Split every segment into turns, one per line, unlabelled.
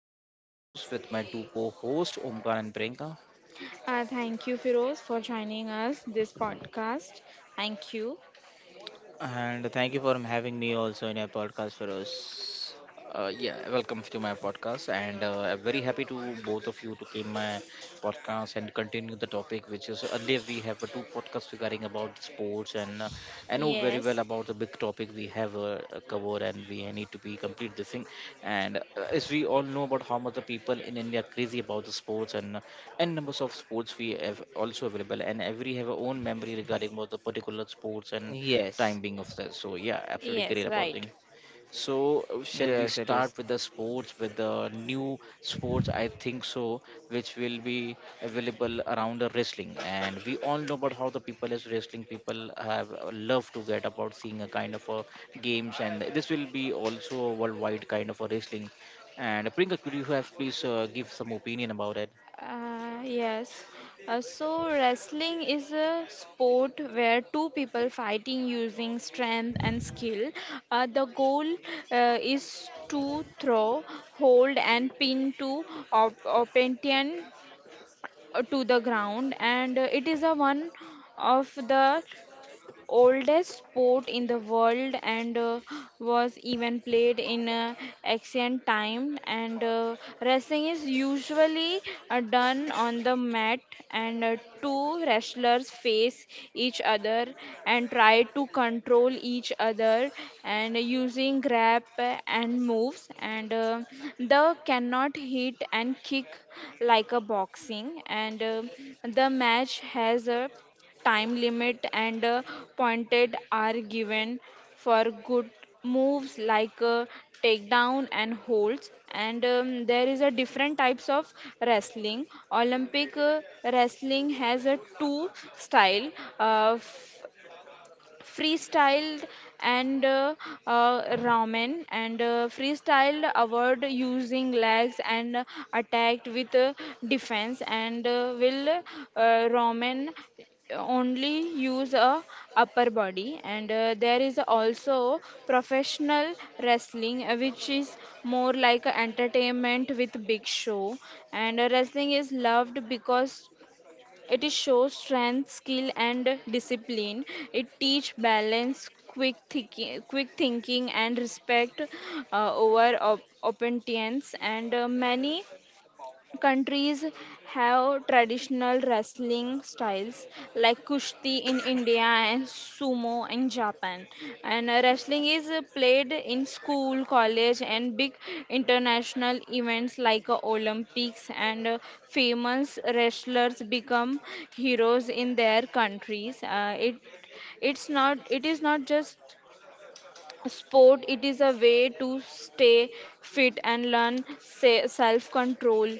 podcast. I'm Firoz with my two co-hosts Omkar and Priyanka.
Thank you, Firoz, for joining us this podcast. Thank you.
And thank you for having me also in your podcast, Feroz.
Yeah, welcome to my podcast, and I'm very happy to both of you to came my podcast and continue the topic, which is earlier we have two podcasts regarding about sports, and I know very well
Yes,
about the big topic we have covered, and we need to be complete this thing, and as we all know about how much the people in India are crazy about the sports and and numbers of sports we have also available, and every have our own memory regarding about the particular sports and
Yes,
time being of that. So yeah, absolutely
yes,
great about
right.
thing. So, shall
yes,
we
it is.
start with the sports, with the new sports? I think so, which will be available around the wrestling. And we all know about how the people is wrestling. People have love to get about seeing a kind of a games, and this will be also a worldwide kind of a wrestling. And Priyanka, could you have please give some opinion about it?
Yes. So wrestling is a sport where two people fighting using strength and skill. The goal is to throw, hold, and pin to opponent to the ground, and it is a one of the oldest sport in the world, and was even played in ancient time, and wrestling is usually done on the mat, and two wrestlers face each other and try to control each other and using grab and moves, and the cannot hit and kick like a boxing, and the match has a time limit, and pointed are given for good moves like takedown and holds. And there is a different types of wrestling. Olympic wrestling has a two style, uh, freestyled and ramen. And freestyled award using legs and attacked with defense, and will ramen only use a upper body. And there is also professional wrestling which is more like a entertainment with big show. And wrestling is loved because it is shows strength, skill, and discipline. It teach balance, quick thinking, and respect over opinions. And many countries have traditional wrestling styles like Kushti in India and Sumo in Japan. And wrestling is played in school, college, and big international events like Olympics. And famous wrestlers become heroes in their countries. It is not just a sport. It is a way to stay fit and learn self control.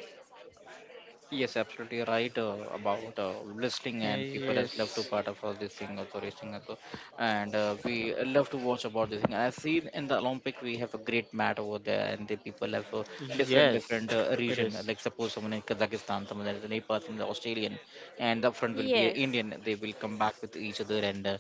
Yes, absolutely right about
Uh,
wrestling and
Yes,
people has love to part of all this thing also racing also, and we love to watch about this thing. I see in the Olympic we have a great mat over there, and the people have
yes,
different
it
different
is.
region. Like suppose someone in Kazakhstan, someone is in Nepal, someone is Australian, and up front will be an
Yes.
Indian. They will come back with each other and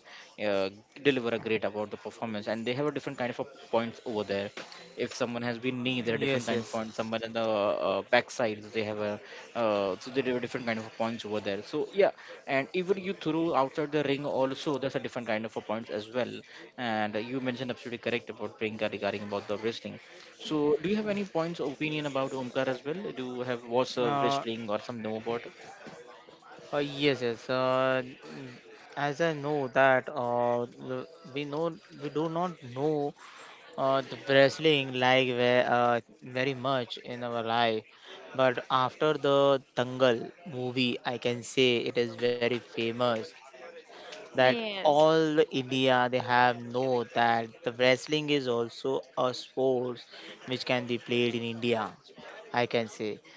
uh, deliver a great about the performance, and they have a different kind of a points over there. If someone has been knee, there are
Yes,
different
yes.
kind of points. Someone in the back side, they have a so there are different kind of points over there, so yeah, and even you throw outside the ring also there's a different kind of a points as well, and you mentioned absolutely correct about Priyanka regarding about the wrestling. So do you have any points opinion about Omkar as well? Do you have what's
Uh,
wrestling or some know about?
yes, yes. As I know that we do not know the wrestling like very much in our life, but after the Dangal movie, I can say it is very famous. That all
Yes,
India, they have know that the wrestling is also a sport which can be played in India, I can say.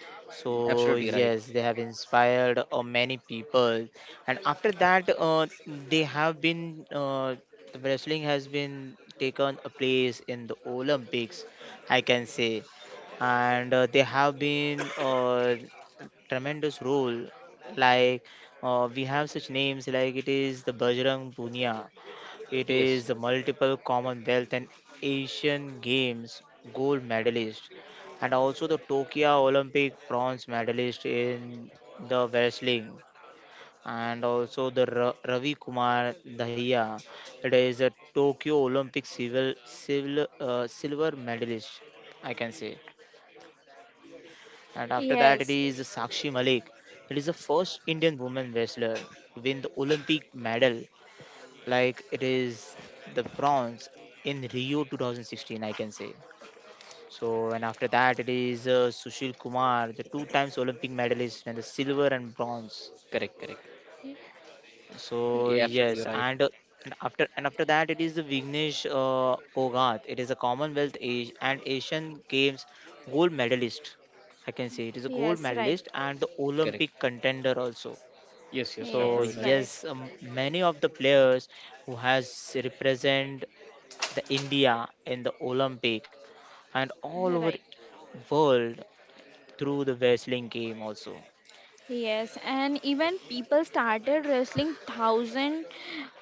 So
Absolutely
yes,
right.
they have inspired many people. And after that, they have been uh, the wrestling has been taken a place in the Olympics, I can say. And they have been tremendous role, like we have such names like it is the Bajrang Punia. It is
Yes.
the multiple Commonwealth and Asian Games gold medalist, and also the Tokyo Olympic bronze medalist in the wrestling. And also the Ravi Kumar Dahiya. It is a Tokyo Olympic civil, civil silver medalist, I can say. And after that, it is Sakshi
yes,
Malik. It is the first Indian woman wrestler to win the Olympic medal, like it is the bronze in Rio 2016, I can say. So, and after that, it is Sushil Kumar, the two times Olympic medalist, and the silver and bronze.
Correct, correct.
So
Yeah, absolutely
yes,
you're right.
and after that it is the Vignesh Phogat. It is a Commonwealth and Asian Games gold medalist. I can say it is a gold
yes, right.
medalist and the
Correct.
Olympic contender also.
Yes, yes,
So
Yes,
absolutely right.
right,
yes, many of the players who has represent the India in the Olympic and all over
right.
world through the wrestling game also.
Yes, and even people started wrestling thousand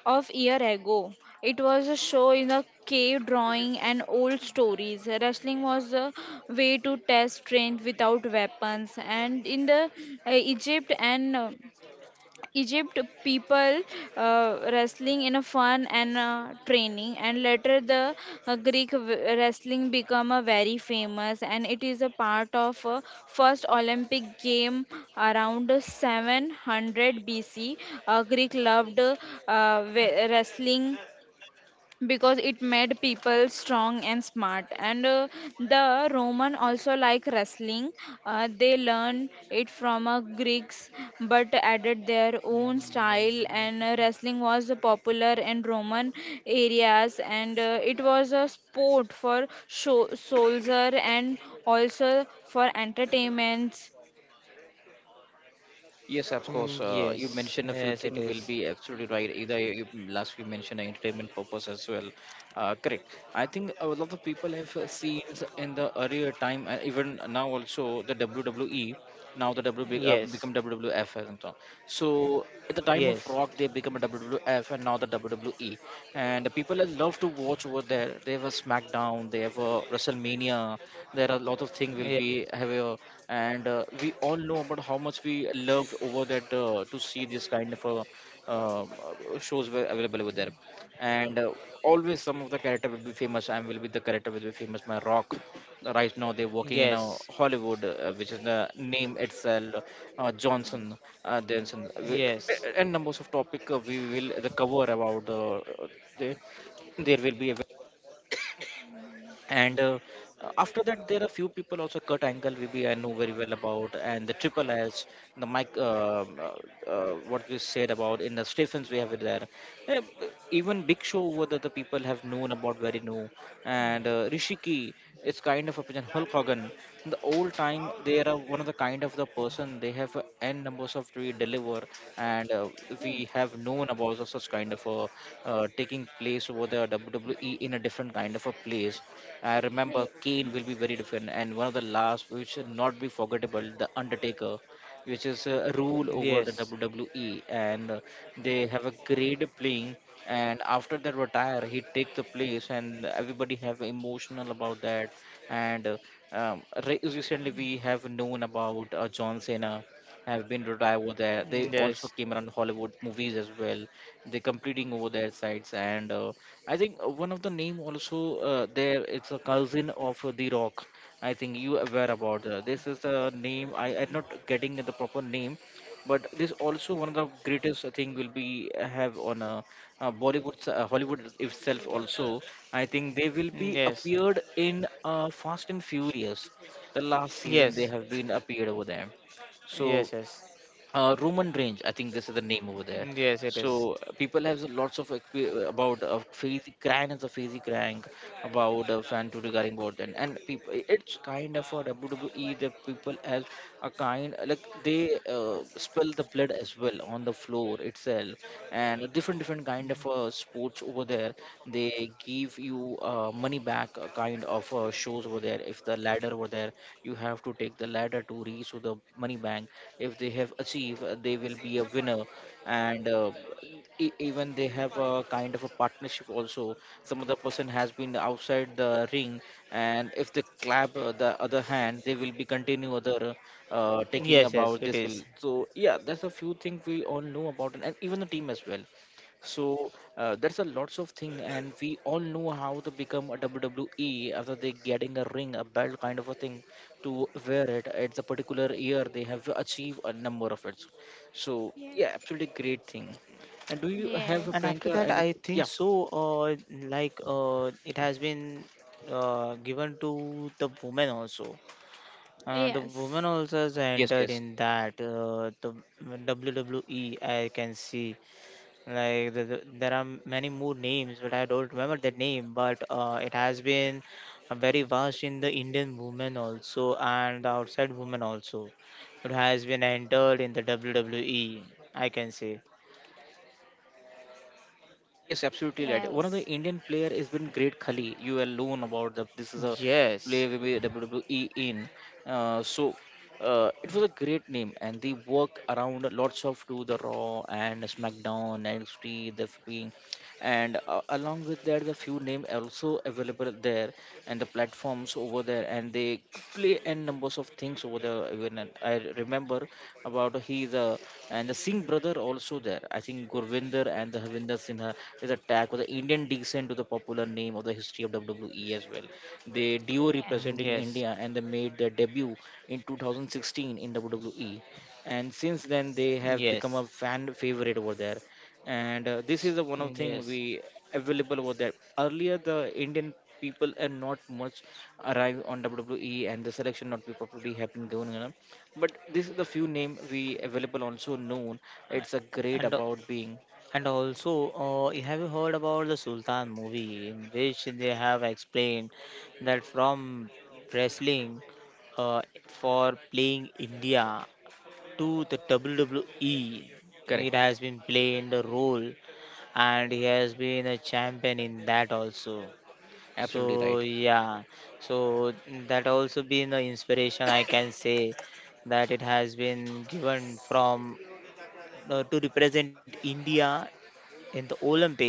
of year ago. It was a show in a cave drawing and old stories. Wrestling was a way to test strength without weapons, and in the Egypt, and Egypt people wrestling in a fun and training, and later the Greek wrestling become a very famous, and it is a part of first Olympic game around 700 BC. Greek loved wrestling because it made people strong and smart. And the Roman also like wrestling. They learned it from Greeks but added their own style, and wrestling was popular in Roman areas, and it was a sport for show soldier and also for entertainments.
Yes, of course.
Mm,
You
yes,
mentioned a few
yes
things
it
will be
is.
absolutely right. Either you last you mentioned entertainment purpose as well. Correct. I think a lot of people have seen in the earlier time, and even now also the WWE. Now the W be, become
Yes.
WWF and so. On. So at the time of
Yes.
Rock, they become a WWF, and now the WWE. And the people that love to watch over there. They have a SmackDown. They have a WrestleMania, there are a lot of things will
Ye-
be heavier, and we all know about how much we loved over that to see this kind of uh, shows were available over there, and always some of the character will be famous and will be the character will be famous, my Rock right now they're working in a
Yes.
Hollywood, which is the name itself, Johnson, Johnson.
Yes.
And numbers of topic we will the cover about there there will be a, and after that there are few people also, Kurt Angle we I know very well about, and the Triple H, the Mike uh, what you said about in the Stephens we have it there. Yeah, even big Show, what the people have known about very new, and Rishiki is kind of a person, Hulk Hogan,
Food finds place in the kindest conversation
the
doesn't
old time they are one of the kind of the person, they have n numbers of to deliver, and we have known about such kind of a taking place over the WWE in a different kind of a place. I remember
remember.
Kane will be very different, and one of the last which should not be forgettable, the Undertaker, which is a rule over
Yes.
the WWE, and they have a great playing. And after that retire, he take the place, and everybody have emotional about that. And um, recently we have known about John Cena have been retired over there.
Yes.
They
Yes.
also came around Hollywood movies as well. They completing over their sides and. I think one of the name also there it's a cousin of the Rock. I think you aware about this is a name I am not getting the proper name, but this also one of the greatest thing will be have on Bollywood, Hollywood itself also. I think they will be
Yes.
appeared in Fast and Furious. The last season they
Yes.
have been appeared over there. So
Yes.
Roman Range, I think this is the name over there.
Yes. It is.
So people have lots of about phase crank as a phase crank about fan to regarding about, and people it's kind of a WWE that people as a kind like they spill the blood as well on the floor itself, and a different kind of sports over there. They give you money back kind of shows over there, if the ladder over there you have to take the ladder to reach to the money bank. If they have achieved they will be a winner, and even they have a kind of a partnership also, some other person has been outside the ring, and if they clap the other hand they will be continue other taking
Yes. Yes.
about
It
this will,
is.
so yeah there's a few things we all know about, and even the team as well. So there's a lots of thing, and we all know how to become a WWE after they getting a ring, a belt kind of a thing, to wear it at the particular year they have achieved a number of it. So
Yeah.
yeah,
Yes.
absolutely great thing.
Yeah,
And do
do you
you
remember?
have a
Yes.
And
Friends?
after
pranker
that, I
anything?
think
Yeah.
so. Like it has been given to the women also. The women
Yes.
also has
Yes,
entered
yes,
in that, the WWE, I can see. Like there are many more names, but I don't remember that name. But it has been very vast in the Indian women also and the outside women also. It has been entered in the WWE, I can say.
yes,
Remember.
absolutely lad. One of the
Yes. They.
Indian player has been Great Khali, you will learn about the this is a play
Yes.
with WWE in, so it was a great name, and they work around lots of to the Raw and SmackDown, NXT the being, and along with that the few name also available there, and the platforms over there, and they play n numbers of things over there, even, and I remember about he the, and the Singh brother also there, I think Gurvinder and the Havinder Sinha is a tag with the Indian descent to the popular name of the history of WWE as well. They duo
Mm,
Copenhagen.
representing
yes,
India and they made their debut in 2016 in WWE, and since then they have
yes,
become a fan favorite over there. And this is the one of thing
yes.
we available over there. Earlier the Indian people and not much arrive on WWE, and the selection not be properly happening going on, but this is the few name we available also known. It's a great
And uh,
about being.
and also, have you heard about the Sultan movie in which they have explained, that from wrestling, uh, for playing India, to the WWE.
Correct.
It has been playing the role and he has been a champion in that also.
Absolutely
So
right.
yeah, so that also been the inspiration, I can say, that it has been given from, to represent India in the Olympic,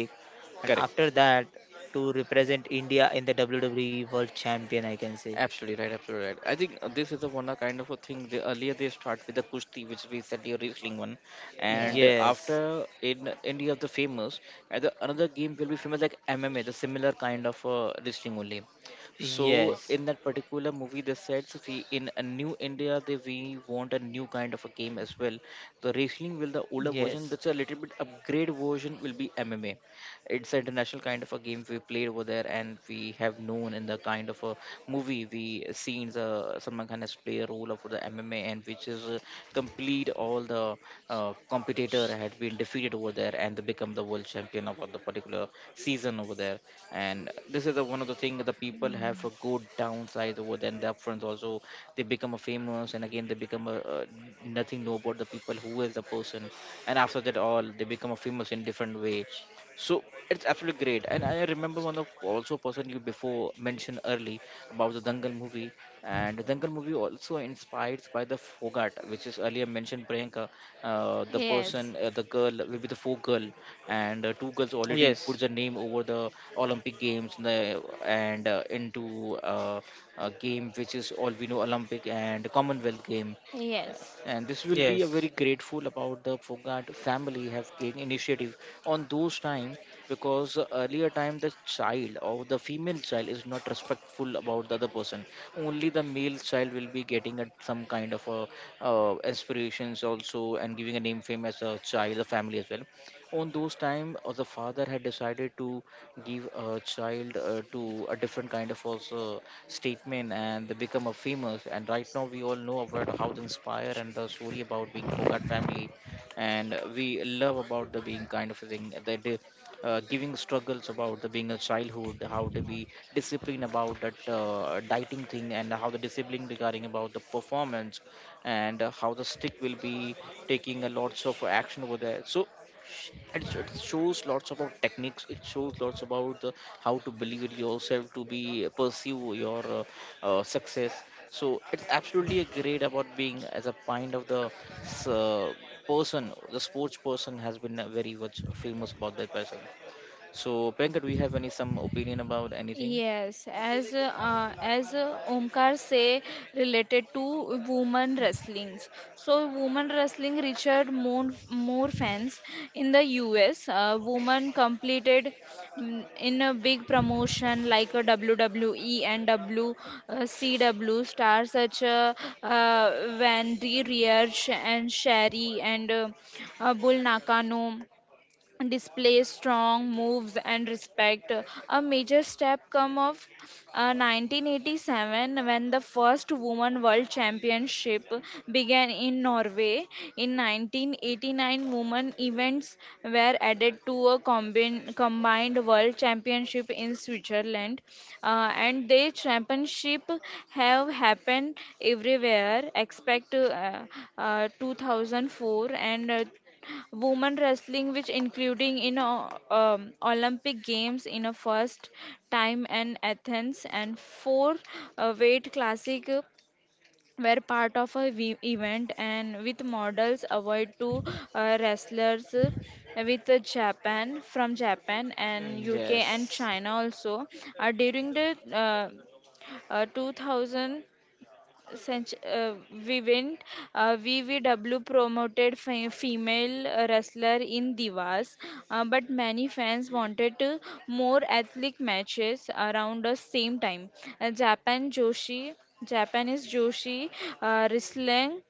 and
Correct.
after that to represent India in the WWE World Champion, I can say.
Absolutely right, absolutely right. I think this is a one a kind of a thing. The earlier they start with the kushti, which we said the wrestling one, and
Yes.
Yes.
after in India the famous, and the, another game will be famous like MMA, the similar kind of wrestling only. So
Yes.
in that particular movie, they said so we in a new India they we want a new kind of a game as well. The wrestling will the older version,
Yes.
that's a little bit upgrade version will be MMA. It's an international kind of a game we played over there, and we have known in the kind of a movie we seen, Salman Khan has played a role of the MMA, and which is complete all the competitor had been defeated over there, and they become the world champion of the particular season over there. And this is the one of the thing, the people have a good downside over there and the upfronts also, they become a famous, and again they become a nothing know about the people who is the person, and after that all they become a famous in different way. So it's absolutely great. And I remember one of also person you before mentioned early about the Dangal movie. And the Dangal movie also inspired by the Fogart, which is earlier mentioned Priyanka. The
Yes.
person, the girl will be the four girl, and two girls already put the
Yes.
name over the Olympic Games and, into a game which is all we know Olympic and Commonwealth game,
Yes.
and this will be a very
Yes.
grateful about the Fogart family have taken initiative on those time, because earlier time the child or the female child is not respectful about the other person, only the male child will be getting a, some kind of a aspirations also and giving a name fame as a child a family as well. On those time the father had decided to give a child to a different kind of also statement, and they become a famous, and right now we all know about how the inspire and the story about being forgot family. And we love about the being kind of a thing that they, giving struggles about the being a childhood, how to be disciplined about that dieting thing and how the discipline regarding about the performance, and how the stick will be taking a lots of action over there. So and it shows lots about techniques, it shows lots about the, how to believe in yourself to be pursue your success. So it's absolutely a great about being as a kind of the s- uh, person, the sports person has been very much famous about that person. So Penka, do you have any some opinion about anything?
Yes, as Omkar say, related to women wrestlings. So women wrestling reached more fans in the US. Women completed in a big promotion like a WWE and WCW stars such uh, Wendy Riersch and Sherry and Bull Nakano. Display strong moves and respect. A major step come of 1987 when the first woman world championship began in Norway. In 1989, women events were added to a combined world championship in Switzerland. And the championship have happened everywhere except 2004. And women wrestling, which including in Olympic Games in a first time in Athens, and four weight classic were part of a event, and with models avoid two wrestlers with Japan, from Japan and UK and
Yes.
China also. During the uh, 2000, Vivint, VVW promoted female wrestler in Divas, but many fans wanted more athletic matches around the same time. Japan Joshi, Japanese Joshi wrestling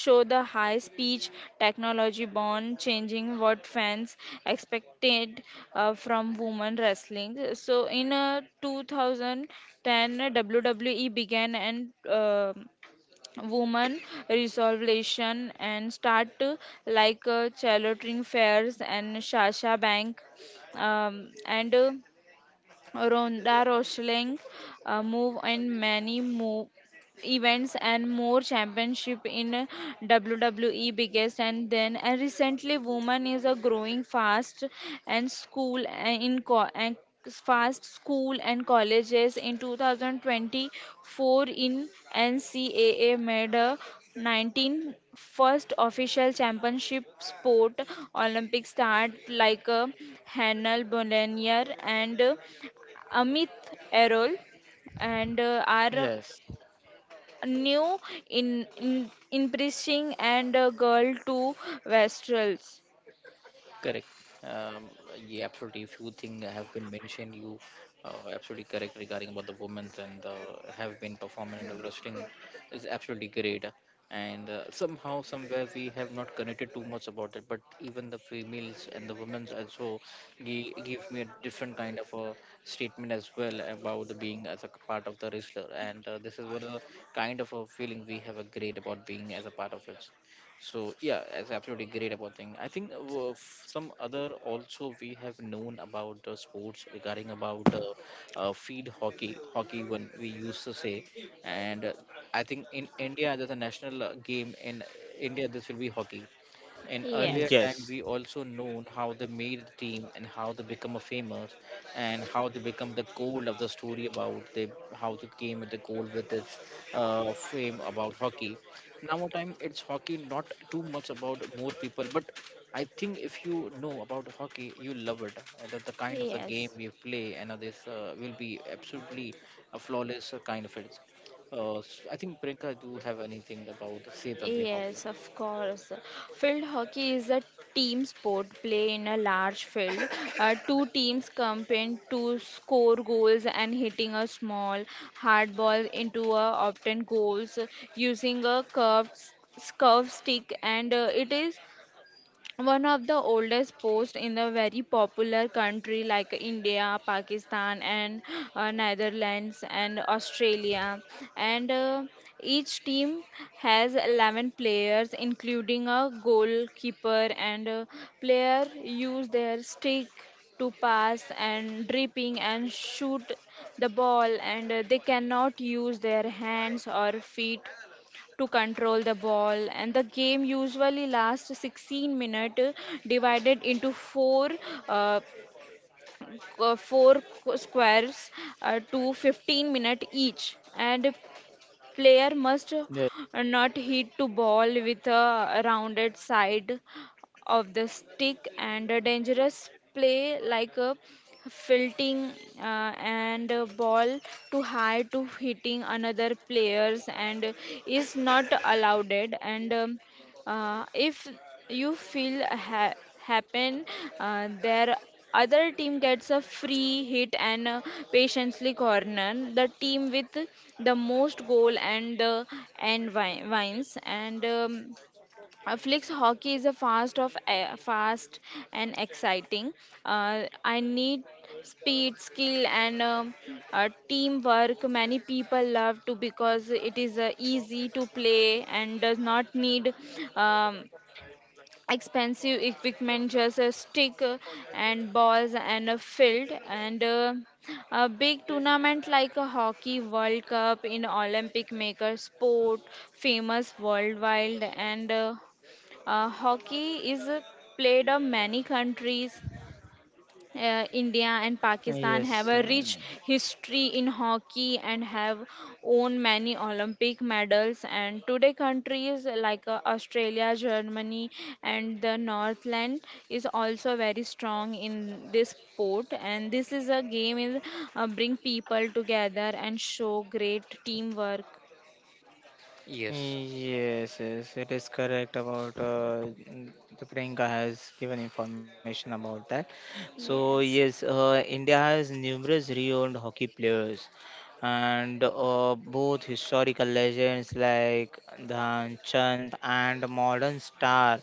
show the high speech technology born changing what fans expected from women wrestling. So in 2010, WWE began, and woman resolution and start like Charlotting Fairs and Shasha Bank, and Ronda Rousey move, and many move events and more championship in WWE biggest. And then, and recently woman is a growing fast and school, and in co- and fast school and colleges in 2024. In NCAA made a 19 first official championship sport. Olympic start like a Hannah Bollinger and Amit Errol, and our
Yes.
new in impressing and girl to Westrels.
Correct. Um, yeah, absolutely. Few things have been mentioned. You absolutely correct regarding about the women's and the have been performing in the wrestling is absolutely great. And somehow, somewhere, we have not connected too much about it. But even the females and the women's also give me a different kind of a statement as well about the being as a part of the wrestler. And this is what a kind of a feeling we have a great about being as a part of it. So yeah, it's absolutely great about thing. I think some other also we have known about the sports regarding about feed hockey, hockey when we used to say, and I think in India there's a national game in India. This will be hockey. In
Yes.
earlier
Mm,
time, we
Yes.
also known how they made the team and how they become a famous, and how they become the goal of the story about they, how they came at the goal with its fame about hockey. Now time it's hockey not too much about more people, but I think if you know about hockey, you love it. The kind of the game we play, and this will be absolutely a flawless kind of it. S I think Priyanka, do you have anything about say something hockey?
Yes, of course. Field hockey is a team sport play in a large field. Two teams compete to score goals and hitting a small hard ball into a often goals using a curved stick, and it is one of the oldest posts in a very popular country like India, Pakistan, and Netherlands and Australia. And each team has 11 players including a goalkeeper. And player use their stick to pass and dripping and shoot the ball. And they cannot use their hands or feet to control the ball. And the game usually lasts 16 minutes divided into uh, four squares, to 15 minutes each. And player must not hit to ball with a rounded side of the stick, and a dangerous play like a filting, uh, and a ball too high to hitting another players and is not allowed. And if you feel happen, their other team gets a free hit. And patiently corner the team with the most goal, and and wins. And. Flicks hockey is a fast of a fast and exciting. I need speed, skill, and teamwork. Many people love to because it is easy to play and does not need um, expensive equipment. Just a stick, and balls and a field. And. A big tournament like a hockey world cup in Olympic maker sport famous worldwide. And hockey is played in many countries. India and Pakistan have
Yes.
a rich
Yes.
history in hockey and have won many Olympic medals. And today, countries like Australia, Germany, and the Northland is also very strong in this sport. And this is a game is bring people together and show great teamwork.
Yes.
Yes, yes, it is correct about the Priyanka has given information about that. So
Yes.
yes, India has numerous renowned hockey players, and both historical legends like Dhan Chand and modern stars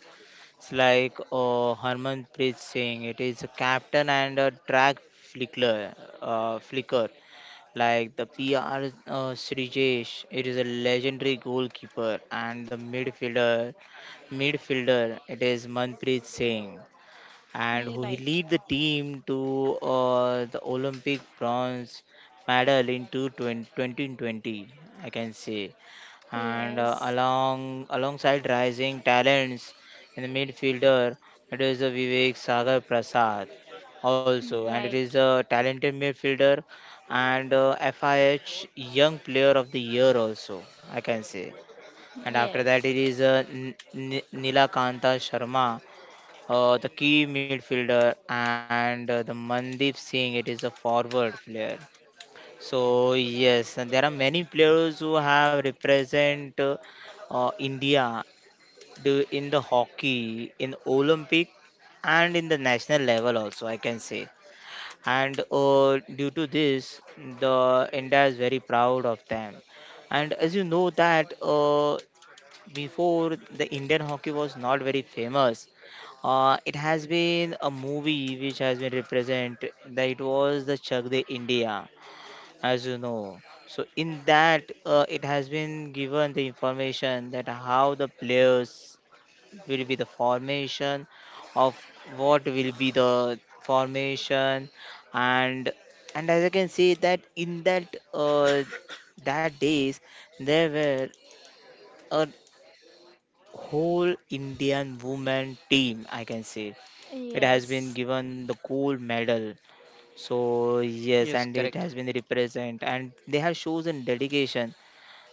like Harmanpreet Singh. It is a captain and a track flicker, flicker, like the PR Srijesh. It is a legendary goalkeeper and the midfielder. It is Manpreet Singh, and who he
Right.
lead the team to the Olympic bronze medal in 2020, I can say. And
Yes.
along, alongside rising talents in the midfielder, it is Vivek Sagar Prasad also, and it
Right.
is a talented midfielder and FIH Young Player of the Year also, I can say. And after that,
Yes.
it is Nilakanta Sharma, the key midfielder, and the Mandeep Singh. It is a forward player. So yes, and there are many players who have represent, India, in the hockey, in Olympic, and in the national level also, I can say, and due to this, the India is very proud of them. And as you know that. Before the Indian hockey was not very famous, it has been a movie which has been represent that it was the Chak De India, as you know. So in that, it has been given the information that how the players will be the formation of what will be the formation, and as I can see that in that, uh, that days there were a whole Indian women team, I can say. It has been
Yes.
given the gold medal. So yes, and
Yes,
it has
correct.
been represent, and they have chosen dedication,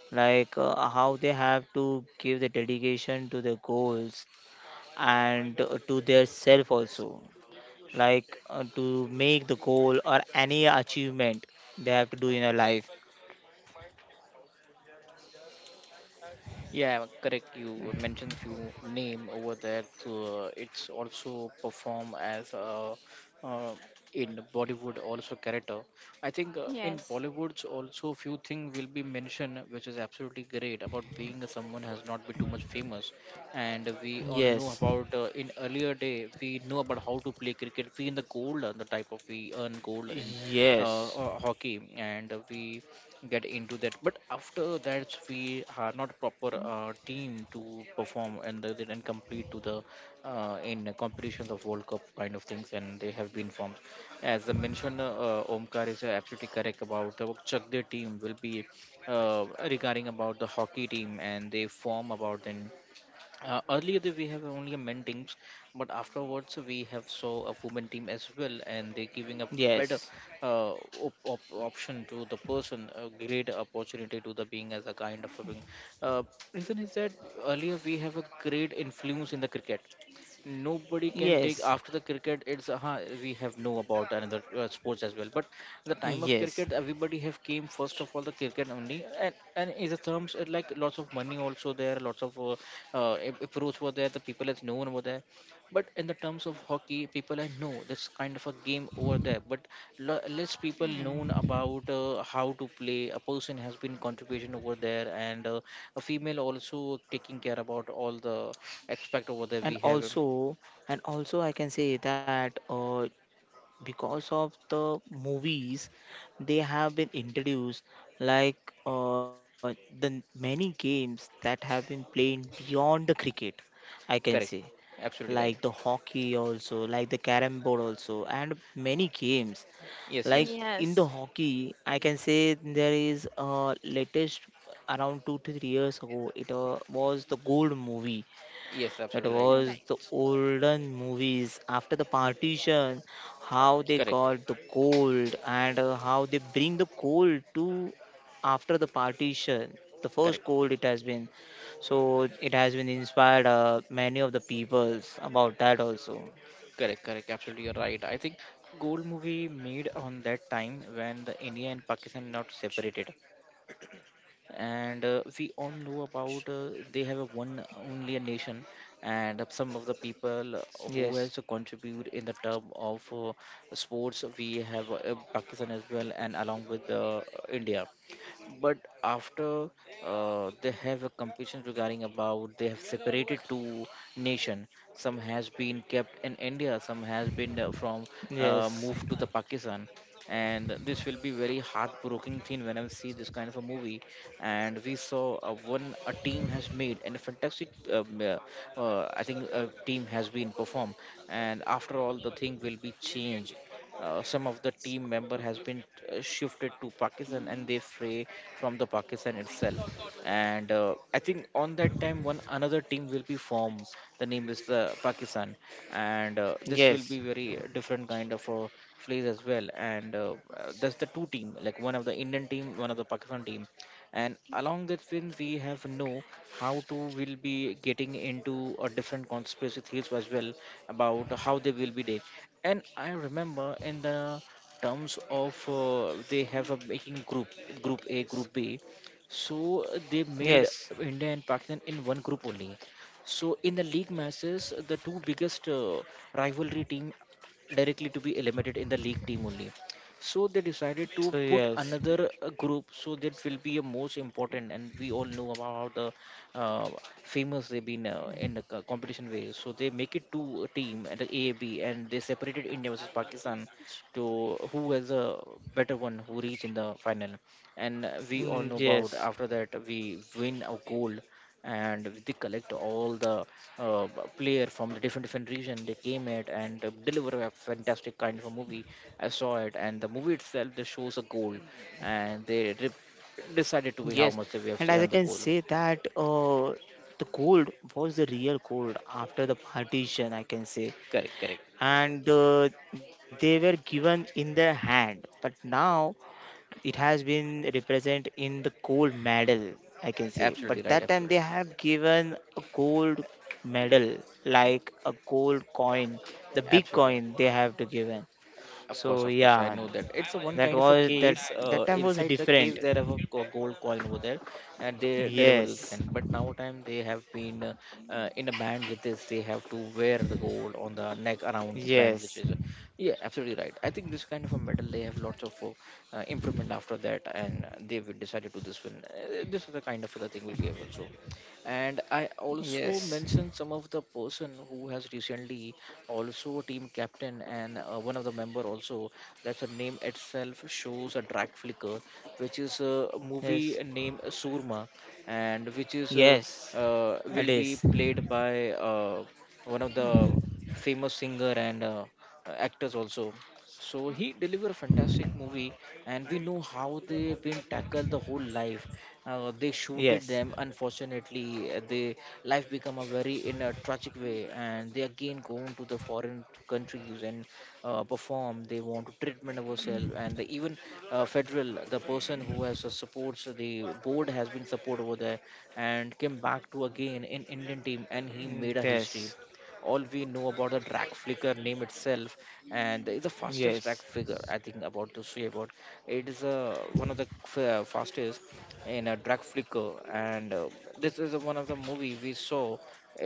like how they have to give the dedication to the goals, and to their self also, like to make the goal or any achievement they have to do in a life.
Yeah, correct. You mentioned few name over there. So it's also perform as a uh, in Bollywood also character. I think in
Yes.
Bollywoods also few thing will be mentioned, which is absolutely great about being a someone has not been too much famous, and we all know
Yes.
about in earlier day we know about how to play cricket. We in the gold, the type of we earn gold in
Yes.
hockey, and we get into that, but after that we are not proper team to perform and they did complete to the in competitions of world cup kind of things, and they have been formed as I mentioned. Omkar is absolutely correct about the chak their team will be regarding about the hockey team and they form about then. Earlier we have only a men teams, but afterwards we have saw a women team as well, and they're giving a better
Yes.
uh, option to the person, a great opportunity to the being as a kind of a being. Uh, Reason is that earlier we have a great influence in the cricket, nobody can take
Yes.
after the cricket. It's we have know about another sports as well, but the time of
Yes.
cricket everybody have came first of all the cricket only, and in the terms it like lots of money also there, lots of approach were there, the people has known over there. But in the terms of hockey people, I know that's kind of a game over there, but less people known
Mm.
about how to play, a person has been contribution over there, and a female also taking care about all the aspect over there
And
we have.
also, and also, I can say that because of the movies, they have been introduced, like many games that have been played beyond the cricket, I can
Correct.
say.
Absolutely right.
Like the hockey also, like the carom board also, and many games.
Yes,
Like
yes.
in the
Yes.
hockey, I can say there is latest around 2 to 3 years ago, it was the Gold movie.
Yes,
It
absolutely right.
was the olden movies after the partition, how they
Correct.
got the gold and how they bring the gold to, after the partition. The first
Correct.
gold it has been. So it has been inspired many of the peoples about that also.
Correct. Correct. Absolutely you're right. I think gold movie made on that time when the India and Pakistan not separated, and we all know about they have a one only a nation, and some of the people who
Yes,
has to contribute in the term of sports. We have Pakistan as well, and along with India, but after they have a competition regarding about they have separated two nation. Some has been kept in India, some has been from
yes,
moved to the Pakistan, and this will be very heartbroken thing when I see this kind of a movie. And we saw one a team has made, and a fantastic, I think, a team has been performed. And after all, the thing will be changed. Some of the team member has been shifted to Pakistan, and they fray from the Pakistan itself, and I think on that time one another team will be formed, the name is Pakistan. And this will be
yes,
very different kind of plays as well, and that's the two team, like one of the Indian team, one of the Pakistan team. And along that film we have know how to will be getting into a different conspiracy theories as well about how they will be dead. And I remember in the terms of they have a making group, group A group B, so they made
yes.
India and Pakistan in one group only. So in the league matches, the two biggest rivalry team directly to be eliminated in the league team only. So they decided to
So
put
yes,
another group, so that will be a most important, and we all know about how the famous they've been in the competition way. So they make it two team and the AAB, and they separated India versus Pakistan to who has a better one, who reach in the final. And we all know
mm,
about after
yes.
that we win a gold, and they collect all the player from the different different region, they came it, and deliver a fantastic kind of a movie. I saw it, and the movie itself they shows a gold, and they decided
Yes,
to be how much
and as
they
I
have
can
say on the
say
gold.
that, the cold was the real cold after the partition, I can say,
Correct, correct,
and they were given in the hand, but now it has been represented in the gold medal, I can say.
absolutely
But
right,
that time they
absolutely,
have given a gold medal, like a gold coin, the big
absolutely
coin
right.
they have to given. So
Of course, I
yeah,
know that. It's a one
that
kind of a
was that
case.
that time was
Inside the case,
different.
there have a gold coin over there, and they deliver those
Yes.
kind. But now time they have been in a band with this. They have to wear the gold on the neck around the band, which
Yes.
is, yeah, absolutely right. I think this kind of a medal they have lots of improvement after that, and they will decided to this win. This is the kind of other thing will be also, and I also
Yes.
mentioned some of the person who has recently also a team captain, and one of the member also, that's a name itself shows a drag flicker, which is a movie
Yes.
named Surma, and which is
Yes. It
will be
is.
played by one of the famous singer and actors also. So he delivered a fantastic movie, and we know how they've been tackled the whole life. They
Yes.
shooted them. Unfortunately, they life become a very in a tragic way, and they again go into the foreign countries and perform. They want to treatment ourselves, and the, even federal, the person who has supports the board has been support over there, and came back to again in Indian team, and he made a
Yes.
history. All we know about the drag flicker name itself, and it's the fastest drag
Yes.
figure, I think about to say about it is one of the fastest in a drag flicker and this is one of the movie we saw.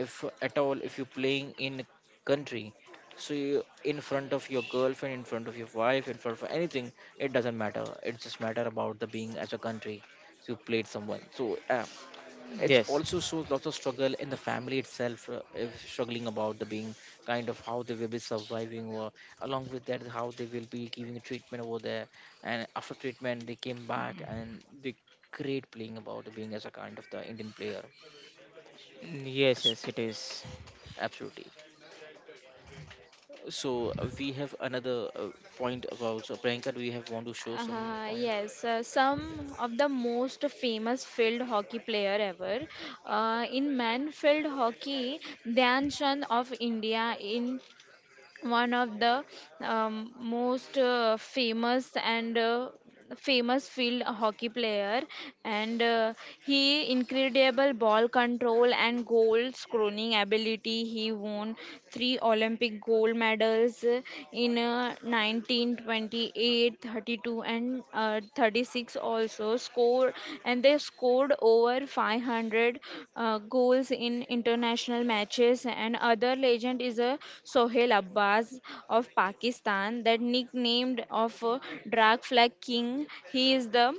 If at all if you're playing in country, so you, in front of your girlfriend, in front of your wife, in front of anything, it doesn't matter, it just matter about the being as a country. So you played someone so
Yes.
it also shows lots of struggle in the family itself. If struggling about the being, kind of how they will be surviving, or along with that how they will be giving treatment over there, and after treatment they came back and they great playing about being as a kind of the indian player.
Yes. Yes. It
S-
is.
Absolutely. So we have another
Right.
point about, so Priyanka, do you have want to show some point?
Yes, some of the most famous field hockey player ever. In man field hockey, Dhyan Chand of India in one of the most famous and famous field hockey player. And he incredible ball control and goal scoring ability. He won three Olympic gold medals in 1920, 38, 32, and 36, also scored, and they scored over 500 goals in international matches. And other legend is a Sohail Abbas of Pakistan, that nicknamed of Drag Flag King. He is the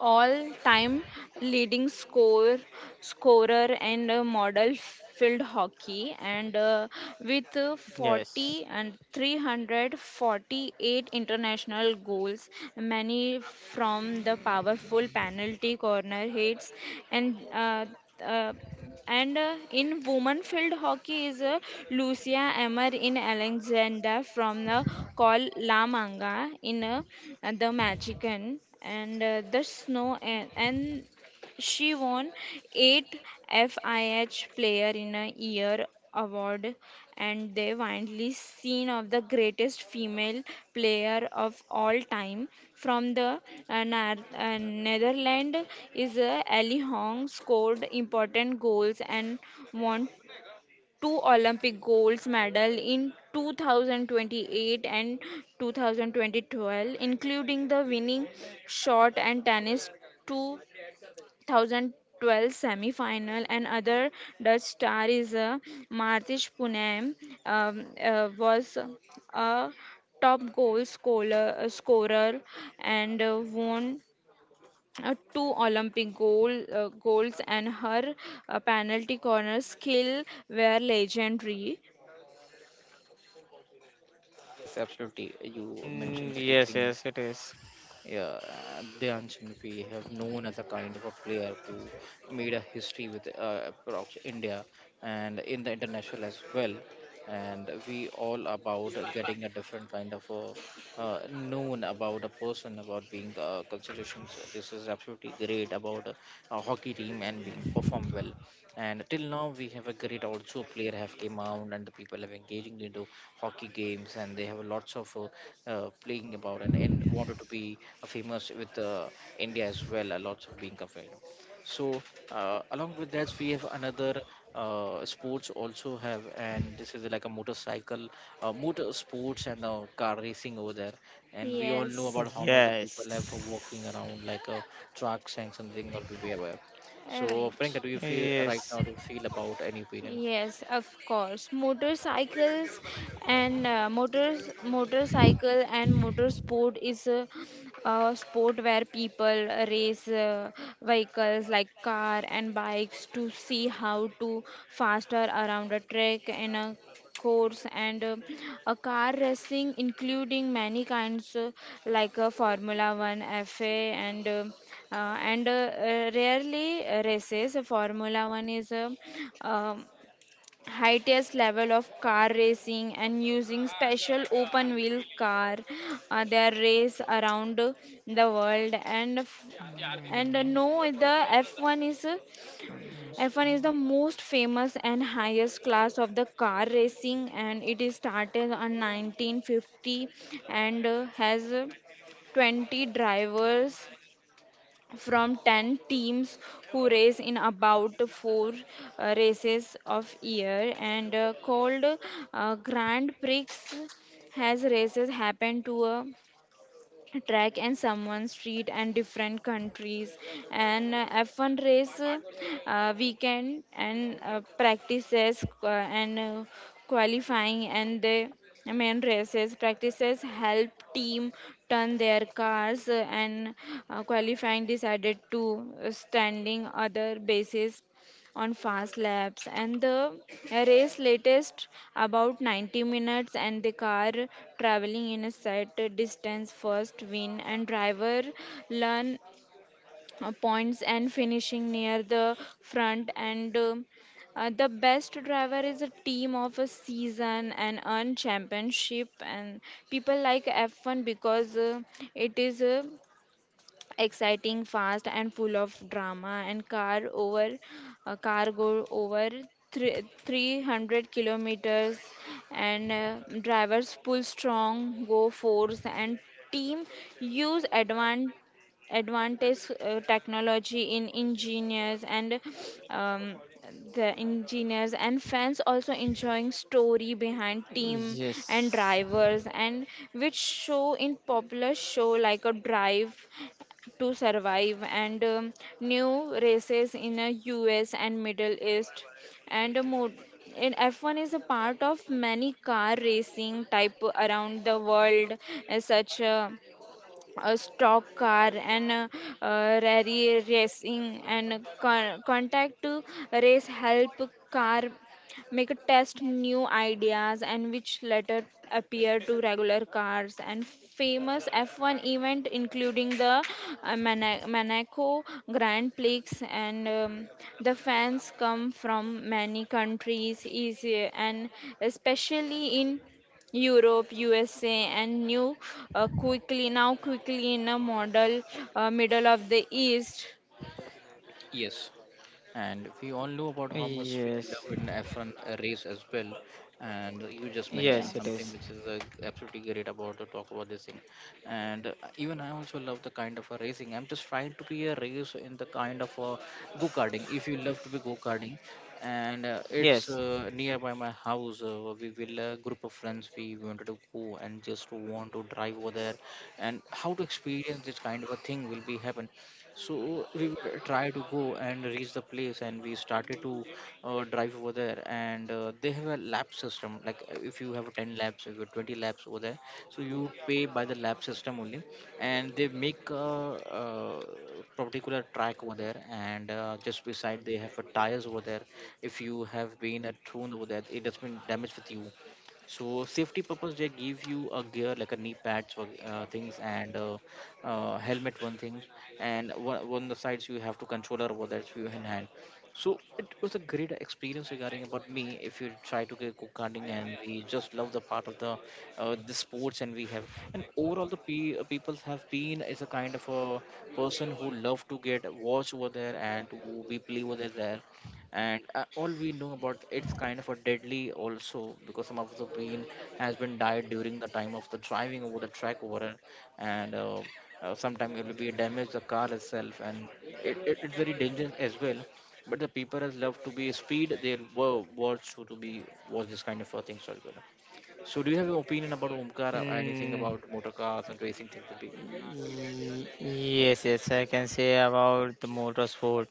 all-time leading scorer and a model field hockey, and with
Yes.
40 and 348 international goals, many from the powerful penalty corner hits. And uh, and in women field hockey is Lucia Emmer in Alexander from the Col La Manga in the Magican, and the snow, and she won eight FIH Player in a Year award, and the widely seen of the greatest female player of all time from the Netherlands is Ali Hong. Scored important goals and won two Olympic gold medal in 2028 and 2012, including the winning shot, and tennis two 2012 semi-final. And other. Dutch star is Martins Punem was a top goal scorer, and won two Olympic goals, and her penalty corner skill were legendary.
Yes, absolutely, you mentioned
Mm,
a few
Yes.
things.
Yes. It is.
Yeah, Dhyan Chand we have known as a kind of a player who made a history with across India and in the international as well. And we all about getting a different kind of a, known about a person about being considerations. This is absolutely great about a hockey team and being perform well, and till now we have a great also player have came out and the people have engaging into hockey games, and they have lots of playing about, and wanted to be famous with india as well, a lots of being compared. So along with that we have another sports also have, and this is like a motorcycle motor sports and car racing over there, and we all know
Yes.
about how much the people have for
Yes.
walking around like trucks and something or to be aware. So,
Right.
Priyanka, do you feel right
Yes.
now
Mm. Yes.
to feel about any opinion?
Yes, of course. Motorcycles and motorcycle and motorsport is a sport where people race vehicles like car and bikes to see how to faster around a track in a course and a car racing including many kinds like formula 1 fa and uh, uh, and rarely races. Formula 1 is a um, highest level of car racing and using special open wheel car, they are race around the world and f- and no the F1 is F1 is the most famous and highest class of the car racing and it is started on 1950 and has 20 drivers from 10 teams who race in about four races of year and called Grand Prix. Has races happen to a track and someone's street and different countries, and F1 race weekend and practices and qualifying and the main races. Practices help team turn their cars, and qualifying decided to standing other bases on fast laps, and the race latest about 90 minutes and the car traveling in a set distance first win, and driver learn points and finishing near the front, and the best driver is a team of a season and earn championship. And people like F1 because it is exciting, fast, and full of drama. Car go over 300 kilometers, and drivers pull strong, go force, and team use advan advantage technology in engineers, and um, the engineers and fans also enjoying story behind team and drivers, and which show in popular show like a drive to survive. And new races in a US and Middle East and a mo- in F1 is a part of many car racing type around the world, as such. A stock car and rally racing contact to race help car make a test new ideas and which later appear to regular cars. And famous F1 event including the monaco grand prix and the fans come from many countries is and especially in Europe, USA, and new quickly now quickly in a model, middle of the East.
Yes. And we all know about how much we
Yes.
love in F1 race as well. And you just
Yes,
mentioned
it is.
something
Yes.
which is absolutely great about to talk about this thing. And even I also love the kind of a racing. I'm just trying to be a race in the kind of a go-karting. If you love to be go-karting, and it's
Yes.
nearby my house. We will a group of friends. We wanted to go and just want to drive over there, and how to experience this kind of a thing will be happen. So we will try to go and reach the place, and we started to drive over there, and they have a lap system like, if you have 10 laps, if you have 20 laps over there, so you pay by the lap system only. And they make a, particular track over there, and just beside they have a tires over there. If you have been a thrown over there, it has been damaged with you. So safety purpose, they give you a gear like a knee pads for things, and helmet one thing, and one the sides you have to controller over that's view in hand. So it was a great experience regarding about me. If you try to get go karting, and we just love the part of the sports, and we have and overall the people have been is a kind of a person who love to get watch over there and to be play over there. And all we know about it's kind of a deadly also, because some of the pain has been died during the time of the driving over the track over it. And Sometimes it will be damage the car itself, and it's very dangerous as well, but the people has love to be speed, they were watch to, be watch this kind of things as well. So do you have an opinion about omkar or
Mm,
anything about motor cars and racing things will be?
Yes, yes, I can say about the motorsport.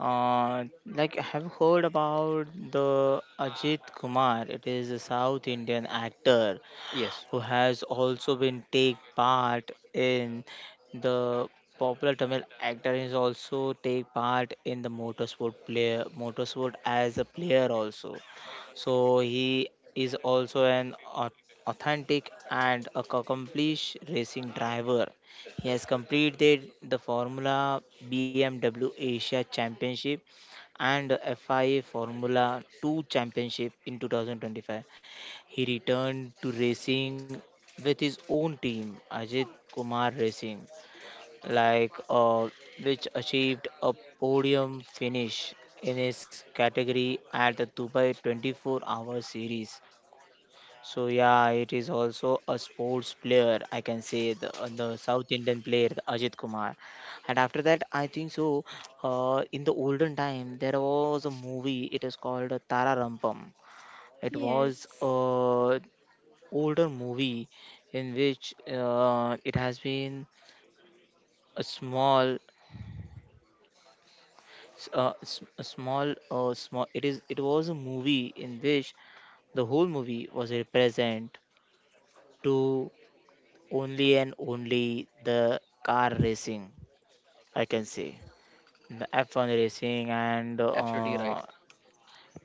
Like I have heard about the Ajit Kumar. It is a South Indian actor
Yes,
who has also been take part in the popular Tamil actor, is also take part in the motorsport, player motorsport as a player also. So he is also an authentic and a accomplished racing driver. He has completed the Formula BMW Asia Championship and FIA Formula 2 Championship. In 2025, he returned to racing with his own team, Ajit Kumar Racing, like, which achieved a podium finish in his category at the Dubai 24 Hour Series. So yeah, it is also a sports player, I can say, the South Indian player, the Ajit Kumar. And after that, I think so. In the olden time, there was a movie. It is called Tara Tararampam. It was
Yes.
older movie in which it has been a small s- s- a small small it is it was a movie in which the whole movie was represent to only and only the car racing, I can say, the F1 racing, and
absolutely right.
uh,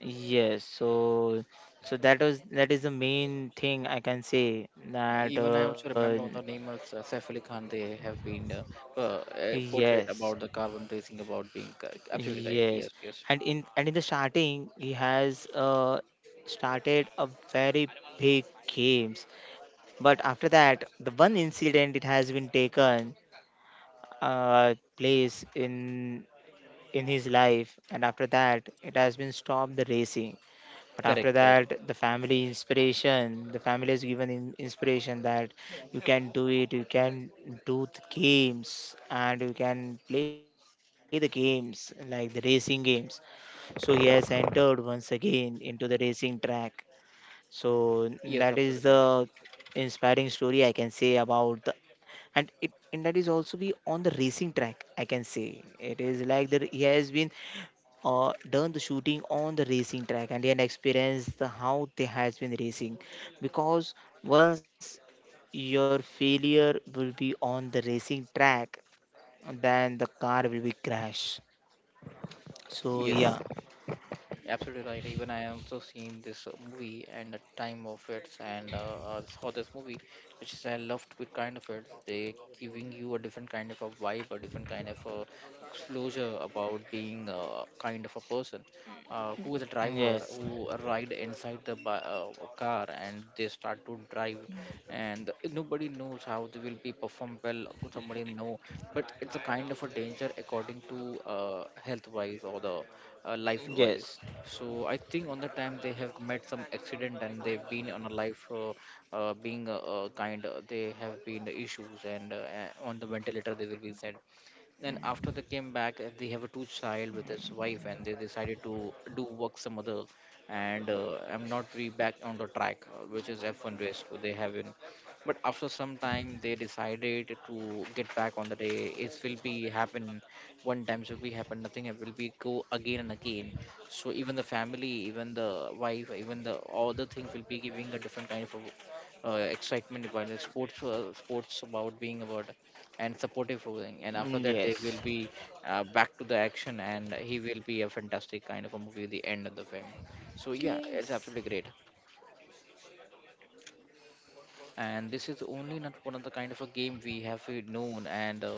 yes. So, that is the main thing, I can say, that
Even I also remember the name of saif ali khan. They have been uh, portrayed
yes.
about the carbon racing about being absolutely right,
Yes,
yes, yes.
and in the starting, he has started a very big games, but after that, the one incident it has been taken uh, place in his life, and after that, it has been stopped the racing. But after
Correct, correct.
that, the family inspiration, the family has given him inspiration that you can do it, you can do the games, and you can play the games like the racing games, so he has entered once again into the racing track. So that is
Yes, absolutely
the
right.
inspiring story, I can say, about the, and that is also be on the racing track, I can say. It is like that he has been done the shooting on the racing track, and he had experienced the how they has been racing, because once your failure will be on the racing track, then the car will be crash. So
Yes,
yeah,
absolutely right. Even I also seen this movie and the time of it, and saw this movie, which is I loved with kind of it. They giving you a different kind of a vibe, a different kind of a exposure about being a kind of a person who is a driver,
yes.
who ride inside the car, and they start to drive, and nobody knows how they will be perform well. Could somebody know, but it's a kind of a danger according to health wise or the life wise.
Yes.
So I think on the time they have met some accident, and they've been on a life being kind. They have been issues, and on the ventilator they will be sent, and after they came back they have a two child with his wife, and they decided to do work some other, and I'm not re back on the track, which is F1 race what they have in, but after some time they decided to get back on the day it will be happen. One times will be happen, nothing it will be go again and again. So even the family, even the wife, even the all the things will be giving a different kind of excitement about the sports, sports about being about, and supportive ruling, and after that they will
Yes.
be back to the action, and he will be a fantastic kind of a movie at the end of the film. So yeah, it's
Yes.
absolutely great. And this is only not one of the kind of a game we have known, and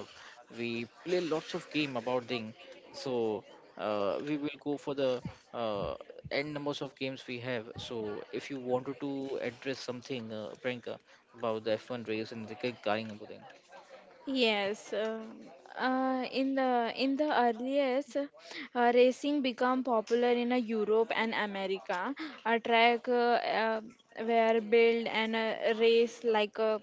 we play lots of game about thing. So we will go for the uh, end numbers of games we have. So if you wanted to address something Priyanka, about the F1 race and the regarding about thing.
Yes, in the earliest, racing became popular in Europe and America. A track were built and race like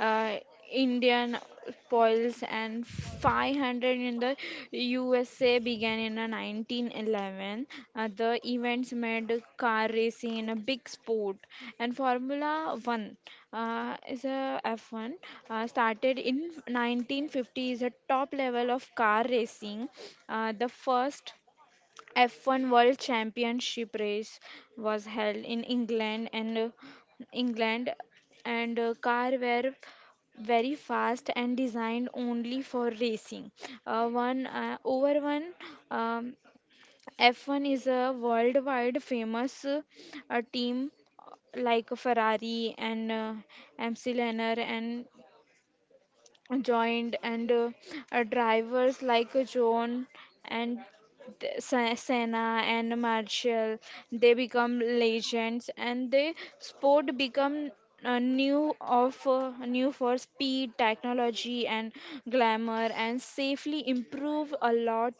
uh, Indian spoils and 500 in the USA began in 1911. The events made car racing in a big sport, and Formula One is a F1 started in 1950 is a top level of car racing. The first F1 World Championship race was held in England England and car were very fast and designed only for racing. One over one um, F1 is a worldwide famous team like Ferrari and MC Lenner and joined, and drivers like John and Senna and Marshall, they become legends and the sport become new for speed technology and glamour, and safely improve a lot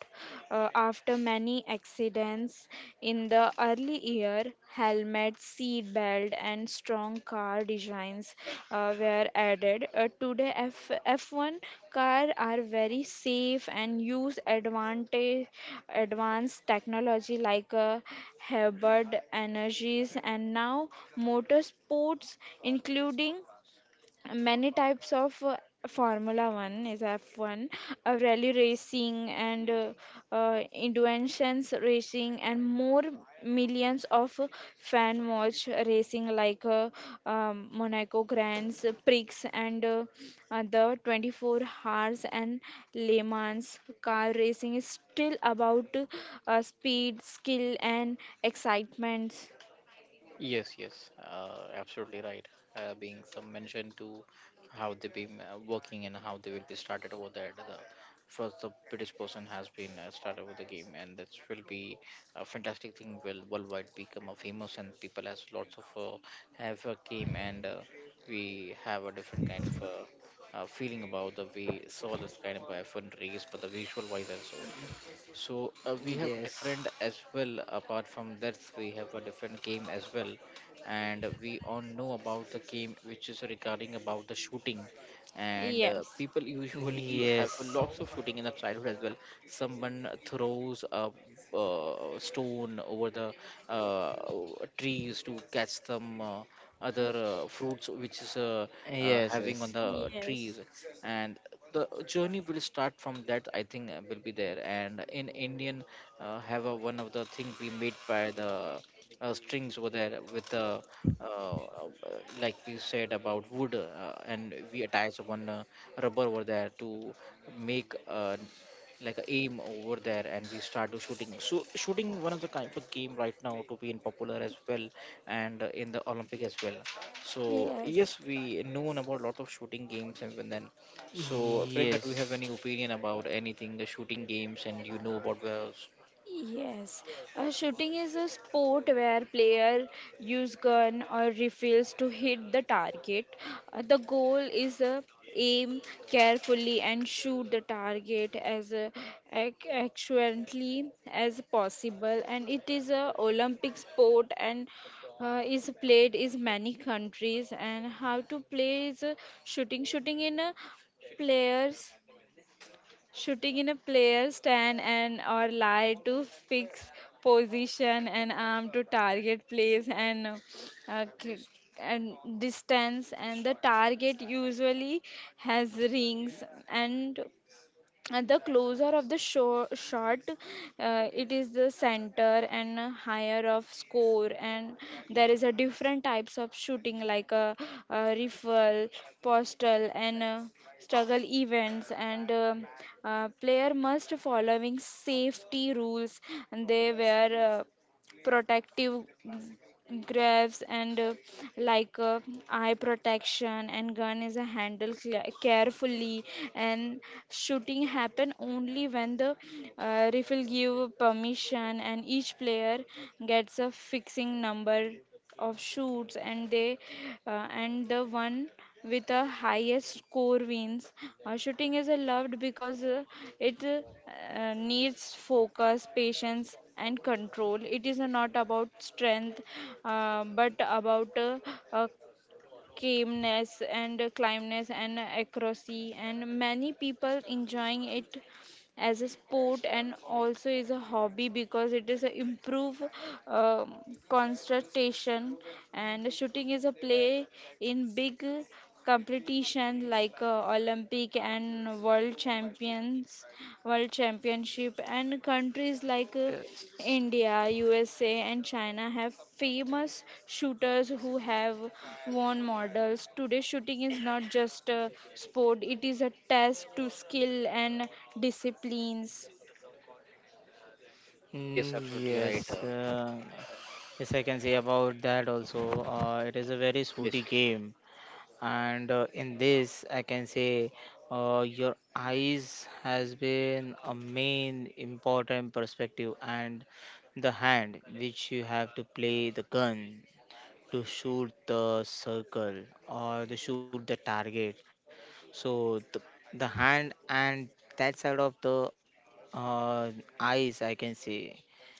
after many accidents in the early year. Helmet, seat belt, and strong car designs were added. Today, F1 cars are very safe and advanced technology like Hubbard energies, and now motorsports, including many types of Formula One is F1, rally racing, and inventions racing, and more millions of fan watch racing like Monaco Grands Prix and the 24 hours and Le Mans. Car racing is still about speed, skill, and excitement.
Yes, yes, absolutely right. Being some mention to how they've been working and how they will be started over there. The first, the British person has been started with the game, and this will be a fantastic thing. Will worldwide become a famous, and people has lots of uh, have a game, and we have a different kind of feeling about the we saw this kind of F1 race, but the visual wise also. So we have different
Yes.
as well. Apart from that, we have a different game as well, and we all know about the game which is regarding about the shooting. And
Yes.
people usually have
Yes.
lots of shooting in the childhood as well. Someone throws a stone over the uh, trees to catch some other fruits, which is
Yes.
having on
Yes.
the trees,
Yes.
and the journey will start from that. I think will be there, and in indian have a, one of the thing we made by the strings over there with the uh, uh, like we said about wood, and we attach one rubber over there to make like a aim over there, and we start to shooting. So shooting one of the kind of game right now to be in popular as well, and in the olympic as well. So
Yes.
yes, we known about lot of shooting games and then, so, Priyanka, do you have any
Yes.
opinion about anything, the shooting games, and you know about wells?
Yes, shooting is a sport where player use gun or rifles to hit the target. The goal is aim carefully and shoot the target as accurately as possible. And it is a Olympic sport and is played in many countries. And how to play is shooting. Shooting in uh, players shooting in a player stand and or lie to fix position and arm to target place, uh, k- and distance, and the target usually has rings, and at the closer of the show, shot, it is the center and higher of score. And there is a different types of shooting like a rifle postal and struggle events, and player must following safety rules and they were protective gloves and like uh, eye protection and gun is handled carefully, and shooting happen only when the referee give permission, and each player gets a fixing number of shoots, and the one with the highest score wins. Shooting is loved because it needs focus patience and control. It is not about strength, but about uh, calmness and climbness and accuracy, and many people enjoying it as a sport and also is a hobby because it is a improve um, concentration. And shooting is a play in big competition like olympic and world championship, and countries like
Yes.
India, USA, and China have famous shooters who have won medals. Today, shooting is not just a sport, it is a test to skill and disciplines.
Yes,
Mm,
absolutely right.
Yes. Yes, I can say about that also. It is a very sooty
Yes, yes,
game, and in this, I can say your eyes has been a main important perspective, and the hand which you have to play the gun to shoot the circle or to shoot the target. So the hand and that side of the uh, eyes, I can say,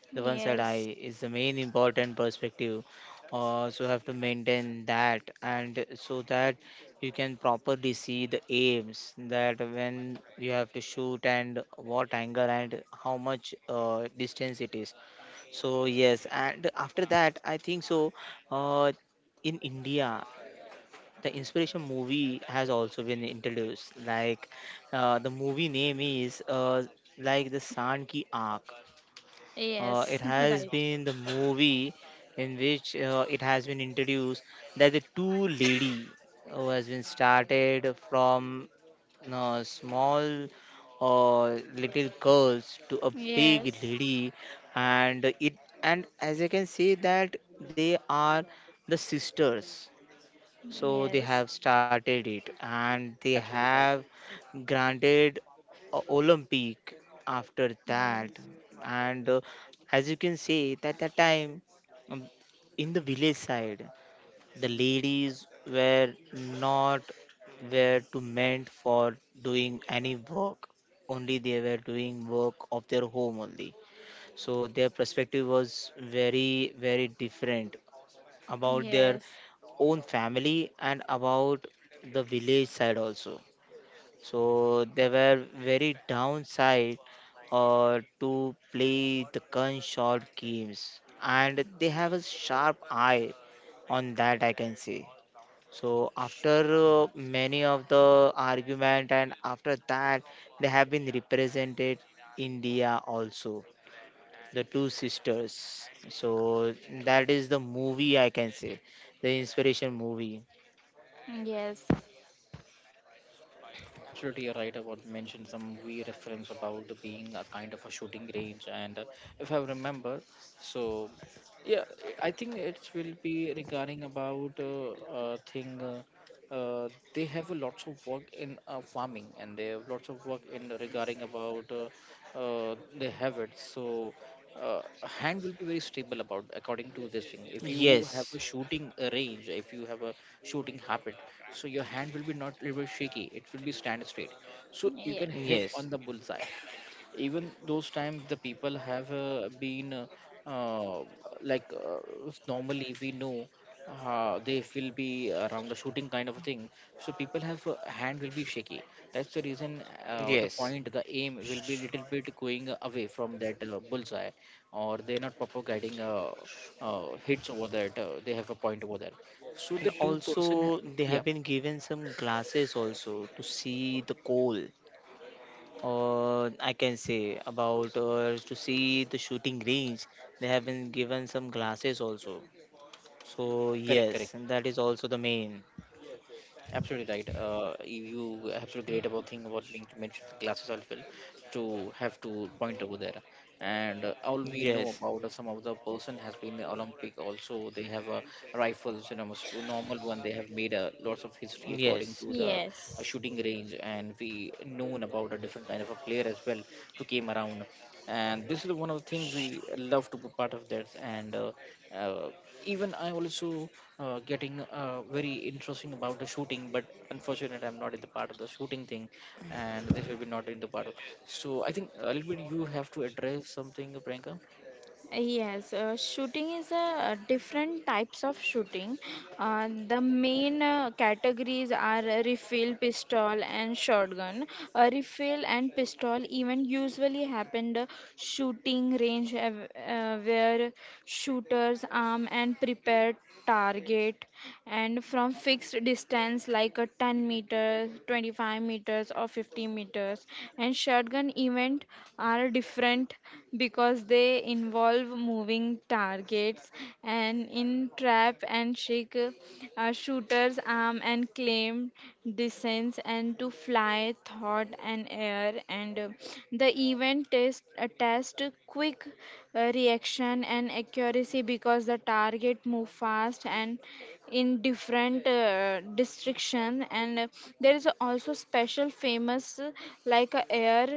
the one side
Yes.
eye is the main important perspective. So have to maintain that, and so that you can properly see the aims that when you have to shoot and what angle and how much distance it is. So yes, and after that, I think so. Uh, in India, the inspiration movie has also been introduced, like the movie name is like the Sand Ki Aankh. It
Yes.
has
Right.
been the movie in which it has been introduced that the two lady, who has been started from small, uh, little girls to a big
Yes.
lady, and it and as I can say that they are the sisters, so they have
Yes.
started it, and they
absolutely
have
right.
granted a Olympic after that.
Yes.
And as you can see, that that time, um, in the village side, the ladies were not were to meant for doing any work. Only they were doing work of their home only. So their perspective was very very different about their
Yes.
own family and about the village side also. So they were very downside, to play the gunshot games, and they have a sharp eye on that, I can see. So after many of the argument, and after that, they have been represented India also, the two sisters, so that is the movie, I can say, the inspiration movie.
Yes. Yes.
Absolutely, you're right about mention some movie reference about being a kind of a shooting range, and if I remember, so yeah, I think it will be regarding about thing. They have a lots of work in farming, and they have lots of work in regarding about they have it. So uh, hand will be very stable about according to this thing. If you have a
Yes,
shooting range, if you have a shooting habit, so your hand will be not little shaky. It will be stand straight. So you can hit on the
yes,
bullseye. Even those times the people have been uh, like normally we know they will be around a shooting kind of a thing, so people have hand will be shaky. That's the reason the point the
yes.
aim will be little bit going away from that bullseye, or they're not proper guiding hits over that they have a point over there. So the
And
two person,
also, they
yeah,
have been given some glasses also to see the coal, or I can say about to see the shooting range. They have been given some glasses also. So
correct, correct.
yes, and that is also the main.
Absolutely right. You absolutely great about thing about being to mention the glasses as well, to have to point over there. And all we know
Yes,
about some of the person has been the Olympic. Also, they have rifles, you know, most normal one. They have made lots of history according
yes,
to the
Yes.
shooting range, and we known about a different kind of a player as well to came around. And this is one of the things we love to be part of this, and uh, even I also getting very interesting about the shooting, but unfortunately I'm not in the part of the shooting thing and this will be not in the part of. So I think a little bit you have to address something, Priyanka.
Yes, shooting is a different types of shooting. The main categories are a refill, pistol, and shotgun. A refill and pistol even usually happened shooting range, where shooters arm and prepare target and from fixed distance like a 10 meters 25 meters or 50 meters, and shotgun event are different because they involve moving targets, and in trap and shake shooter's arm and claim descends and to fly thought and air, and the event test test quick reaction and accuracy because the target move fast and in different distriction. And there is also special famous, like a air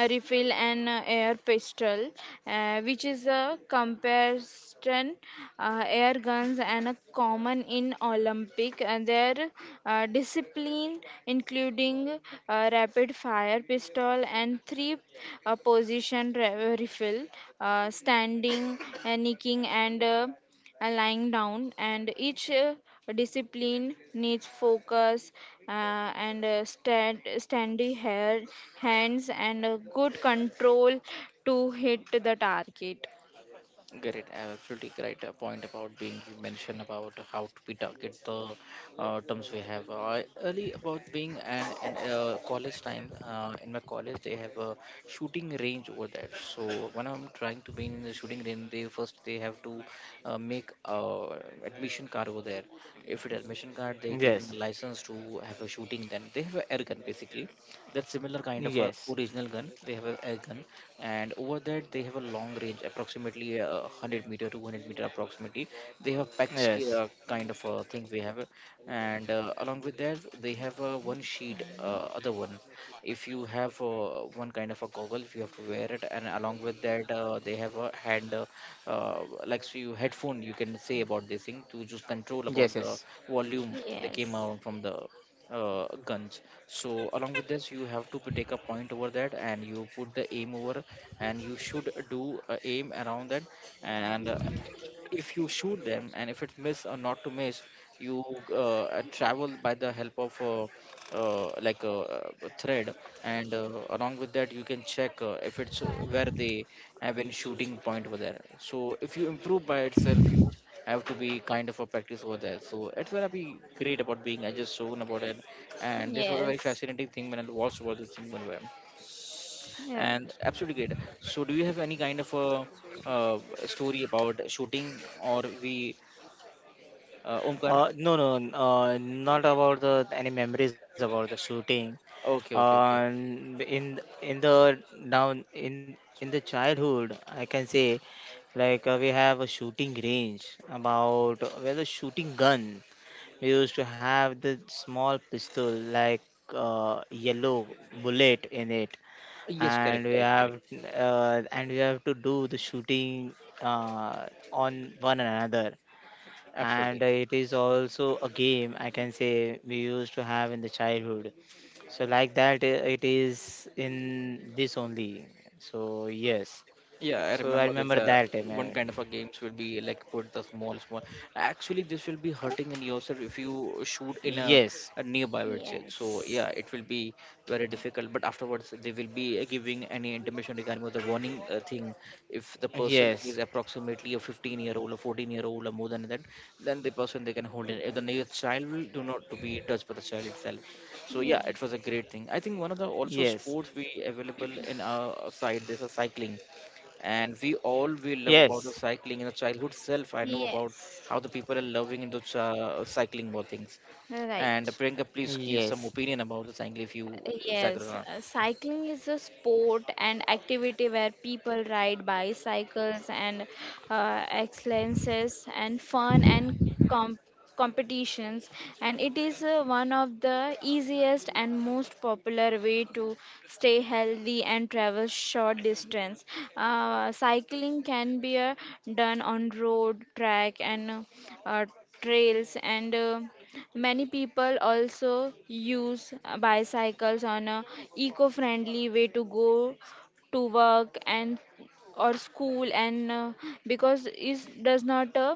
a refill and air pistol, which is a comparison air guns and a common in Olympic. And their discipline, including rapid fire pistol and three refill, standing, nicking, and lying down, and each discipline needs focus steady hands and good control to hit the target.
Great, I absolutely great point about being you mentioned about how to we target the terms we have. I early about being an in college time, in my college they have a shooting range over there. So when I'm trying to be in the shooting range, they first they have to make admission card over there. If it admission card,
yes,
they
yes,
giving a license to have a shooting. Then they have a air gun basically. That's similar kind of a
yes,
original gun. They have a air gun, and over that they have a long range, approximately 100 meter, 200-meter approximately. They have a PEX ki-
yes,
uh, kind of a thing we have, and along with that they have one sheet, other one. If you have one kind of a goggles, you have to wear it, and along with that they have a hand, like so you headphone. You can say about this thing to just control
yes,
about
yes.
the volume. They came
Yes.
out from the guns. So along with this, you have to take a point over that, and you put the aim over, and you should do aim around that. And if you shoot them and if it's miss or not to miss, you travel by the help of uh, like a, uh thread, and along with that you can check if it's where they have been shooting point over there. So if you improve by itself, you have to be kind of a practice over there. So it's gonna be great about being I just shown about it, and this was a very
Yes.
fascinating thing when I watched about this thing one way. And absolutely great, so do you have any kind of a, uh story about shooting or we, Omkar?
No, no, not about the any memories about the shooting.
Okay, okay,
Uh,
okay.
in in the in the childhood, I can say, like we have a shooting range, about we have a shooting gun. We used to have the small pistol like, yellow bullet in it,
Yes,
and
correct,
we
correct, correct.
have and we have to do the shooting, uh, on one another, and
Absolutely.
it is also a game, I can say, we used to have in the childhood. So like that, it is in this only. So yes.
Yeah, I
So I
remember that
remember that time. I
one kind
remember.
of a games will be like put the small, small. Actually, this will be hurting in yourself if you shoot in
Yes.
a nearby, I
Right.
would say. So
Yes.
yeah, it will be very difficult. But afterwards, they will be giving any intimation regarding the warning thing. If the person is
Yes.
approximately a 15-year-old, a 14-year-old, or more than that, then the person they can hold it. If the near child will do not to be touched by the child itself. So yeah, it
Yes.
was a great thing. I think one of the
Yes.
also sports we available in our side. There's a cycling, and we all will love
Yes.
about the cycling in the childhood self. I know about
Yes.
how the people are loving into cycling more things.
Right.
And Priyanka, please give some
Yes.
opinion about the cycling if you cycle.
Yes, cycling is a sport and activity where people ride bicycles and excellences and fun and com competitions. And it is one of the easiest and most popular way to stay healthy and travel short distance. Cycling can be done on road, track, and uh, trails, and many people also use bicycles on a eco-friendly way to go to work and or school, and because it does not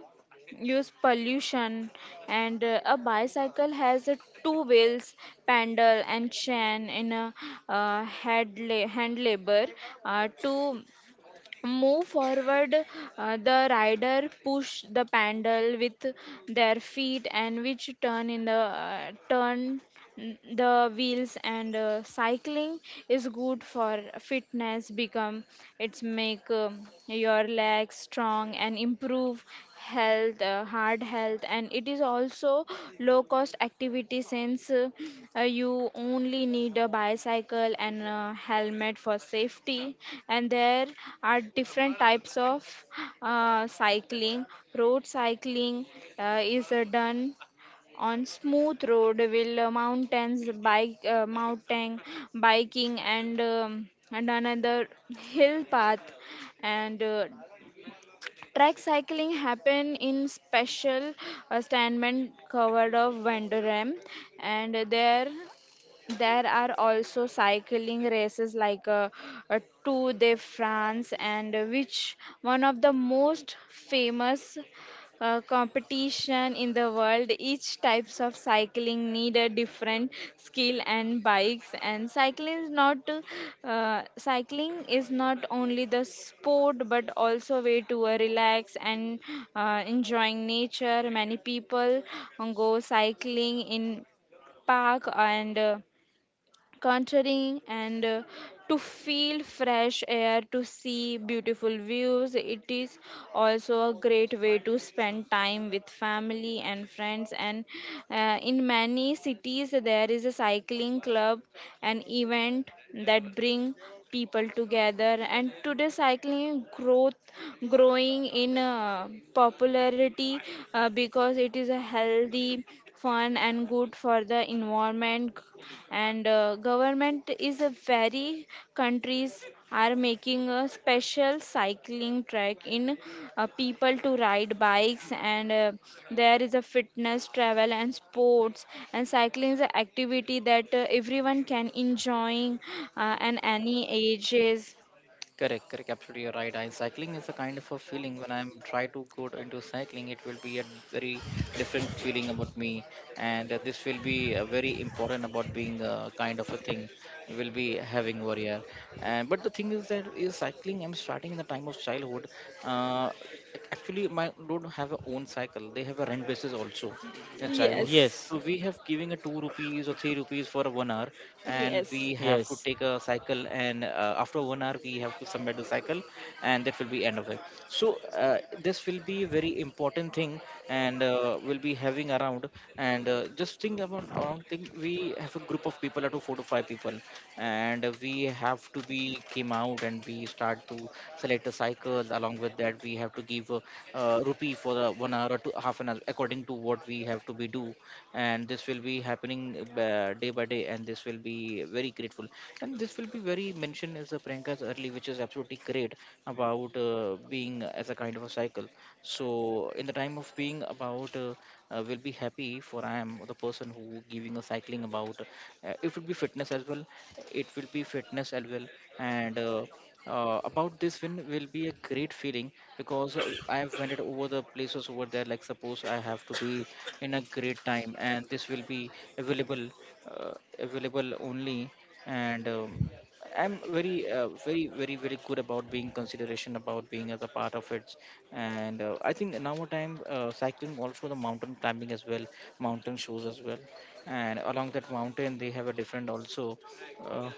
use pollution. And a bicycle has two wheels pedal and chain in a hand labor to move forward. The rider push the paddle with their feet, and which turn the wheels. And cycling is good for fitness become it's make your legs strong and improve heart health, and it is also low cost activity since you only need a bicycle and a helmet for safety. And there are different types of cycling. Road cycling is done on smooth road, will mountain biking and another hill path, and track cycling happen in special statement covered of Vandoram, and there are also cycling races like Tour de France, and which one of the most famous competition in the world. Each types of cycling need a different skill and bikes. And cycling is not only the sport but also way to relax and enjoying nature. Many people go cycling in park and countering and to feel fresh air to see beautiful views. It is also a great way to spend time with family and friends, and in many cities there is a cycling club an event that bring people together. And today cycling growth growing in popularity because it is a healthy fun and good for the environment. And government is a very countries are making a special cycling track in people to ride bikes, and there is a fitness travel and sports, and cycling is an activity that everyone can enjoying and any ages.
Correct, correct. Absolutely, you're right. I cycling is a kind of a feeling. When I'm try to into cycling, it will be a very different feeling about me, and this will be very important about being a kind of a thing will be having over here. And but the thing is that is cycling. I'm starting in the time of childhood. Uh, Actually, my don't have a own cycle. They have a rent basis also in childhood.
Yes.
Yes.
So we have giving a two rupees or three rupees for a 1 hour, and
Yes.
we have to
Yes.
take a cycle and after 1 hour we have to submit the cycle, and that will be end of it. So this will be a very important thing, and we'll be having around. And just think about around thing, we have a group of people up to four to five people, and we have to be came out and we start to select the cycles. Along with that, we have to give rupee for the 1 hour or two half an hour according to what we have to be do. And this will be happening day by day, and this will be very grateful. And this will be very mentioned as a Priyanka's early, which is absolutely great about being as a kind of a cycle. So in the time of being about will be happy for I am the person who giving a cycling about it will be fitness as well, it will be fitness as well. And about this win will be a great feeling, because I have went over the places over there. Like suppose I have to be in a great time, and this will be available, uh, available only. And I'm very, very, very, very good about being consideration about being as a part of it. And I think now a time cycling also the mountain climbing as well, mountain shows as well. And along that mountain they have a different also. Uh,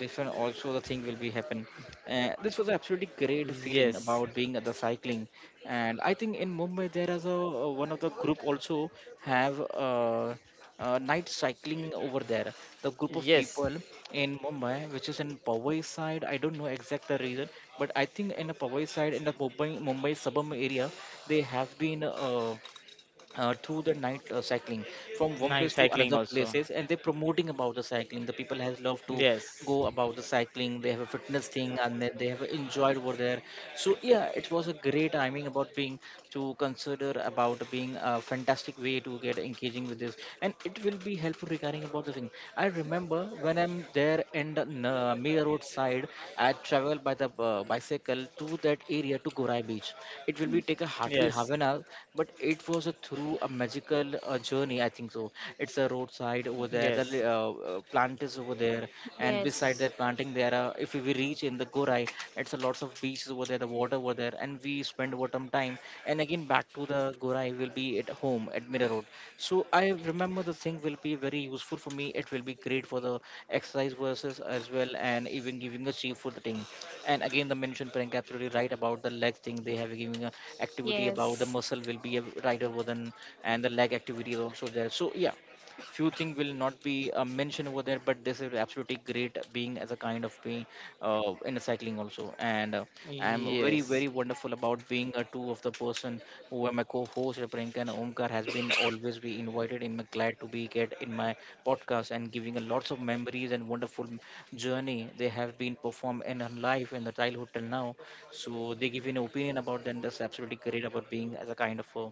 different also the thing will be happen. This was absolutely great feeling
Yes.
about being at the cycling. And I think in Mumbai there is a one of the group also have, uh, night cycling over there, the group of
Yes.
people in Mumbai, which is in Powai side. I don't know exact the reason, but I think in the Powai side in the Mumbai suburban area, they have been through the night cycling from one place
Night
to another
cycling also.
places, and they're promoting about the cycling. The people has love to go
Yes.
about the cycling, they have a fitness thing, and they have enjoyed over there. So yeah, it was a great timing about being to consider about being a fantastic way to get engaging with this, and it will be helpful regarding about the thing. I remember when I'm there in the Mira road side, I travel by the bicycle to that area, to Gorai beach. It will be take a hardly half
Yes.
an hour, but it was a through a magical journey, I think so also. It's a roadside over there, the
Yes.
plant is over there, and beside
Yes.
that planting there are, if we reach in the Gorai, it's a lots of beaches over there, the water over there, and we spend over some time, and again back to the Gorai will be at home at Mirror road. So I remember the thing will be very useful for me. It will be great for the exercise versus as well, and even giving the cheap for the thing. And again the mention Priyanka absolutely right about the leg thing, they have given a activity about the
Yes.
muscle will be a right over then, and the leg activity is also there. So yeah, few things will not be mentioned over there, but this is absolutely great being as a kind of being in a cycling also, and I'm very,
Yes.
very wonderful about being a two of the person who are my co-host Priyanka and Omkar has been always be invited, and I'm glad to be get in my podcast and giving a lots of memories and wonderful journey they have been performed in her life in the childhood till now. So they give an opinion about them. That's absolutely great about being as a kind of a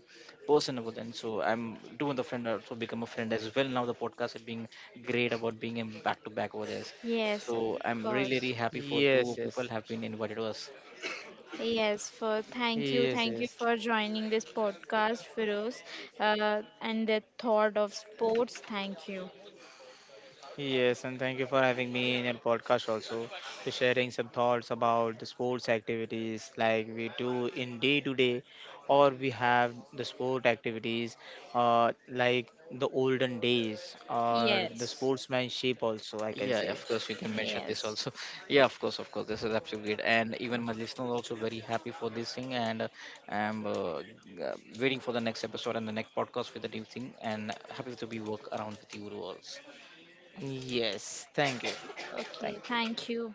person about them. So I'm doing the friend also become a friend as well now. The podcast is being great about being in back to back over this.
Yes, of
So I'm really,
course.
really happy for
Yes.
two
Yes.
people have been invited to us.
Yes, for
Yes. Yes.
thank you for joining this podcast, Firoz, and the thought of sports. Thank you.
Yes, and thank you for having me in your podcast also, to sharing some thoughts about the sports activities like we do in day to day, or we have the sport activities, like the olden days or the
Yes,
sportsmanship also, I can
Yeah,
say.
of course, you can mention this
yes.
also. Yeah, of course, this is absolutely great. And even my listeners also very happy for this thing, and I'm waiting for the next episode and the next podcast with the new thing. And happy to be work around with you all.
Yes, thank you.
Thank
Okay,
you.
thank you.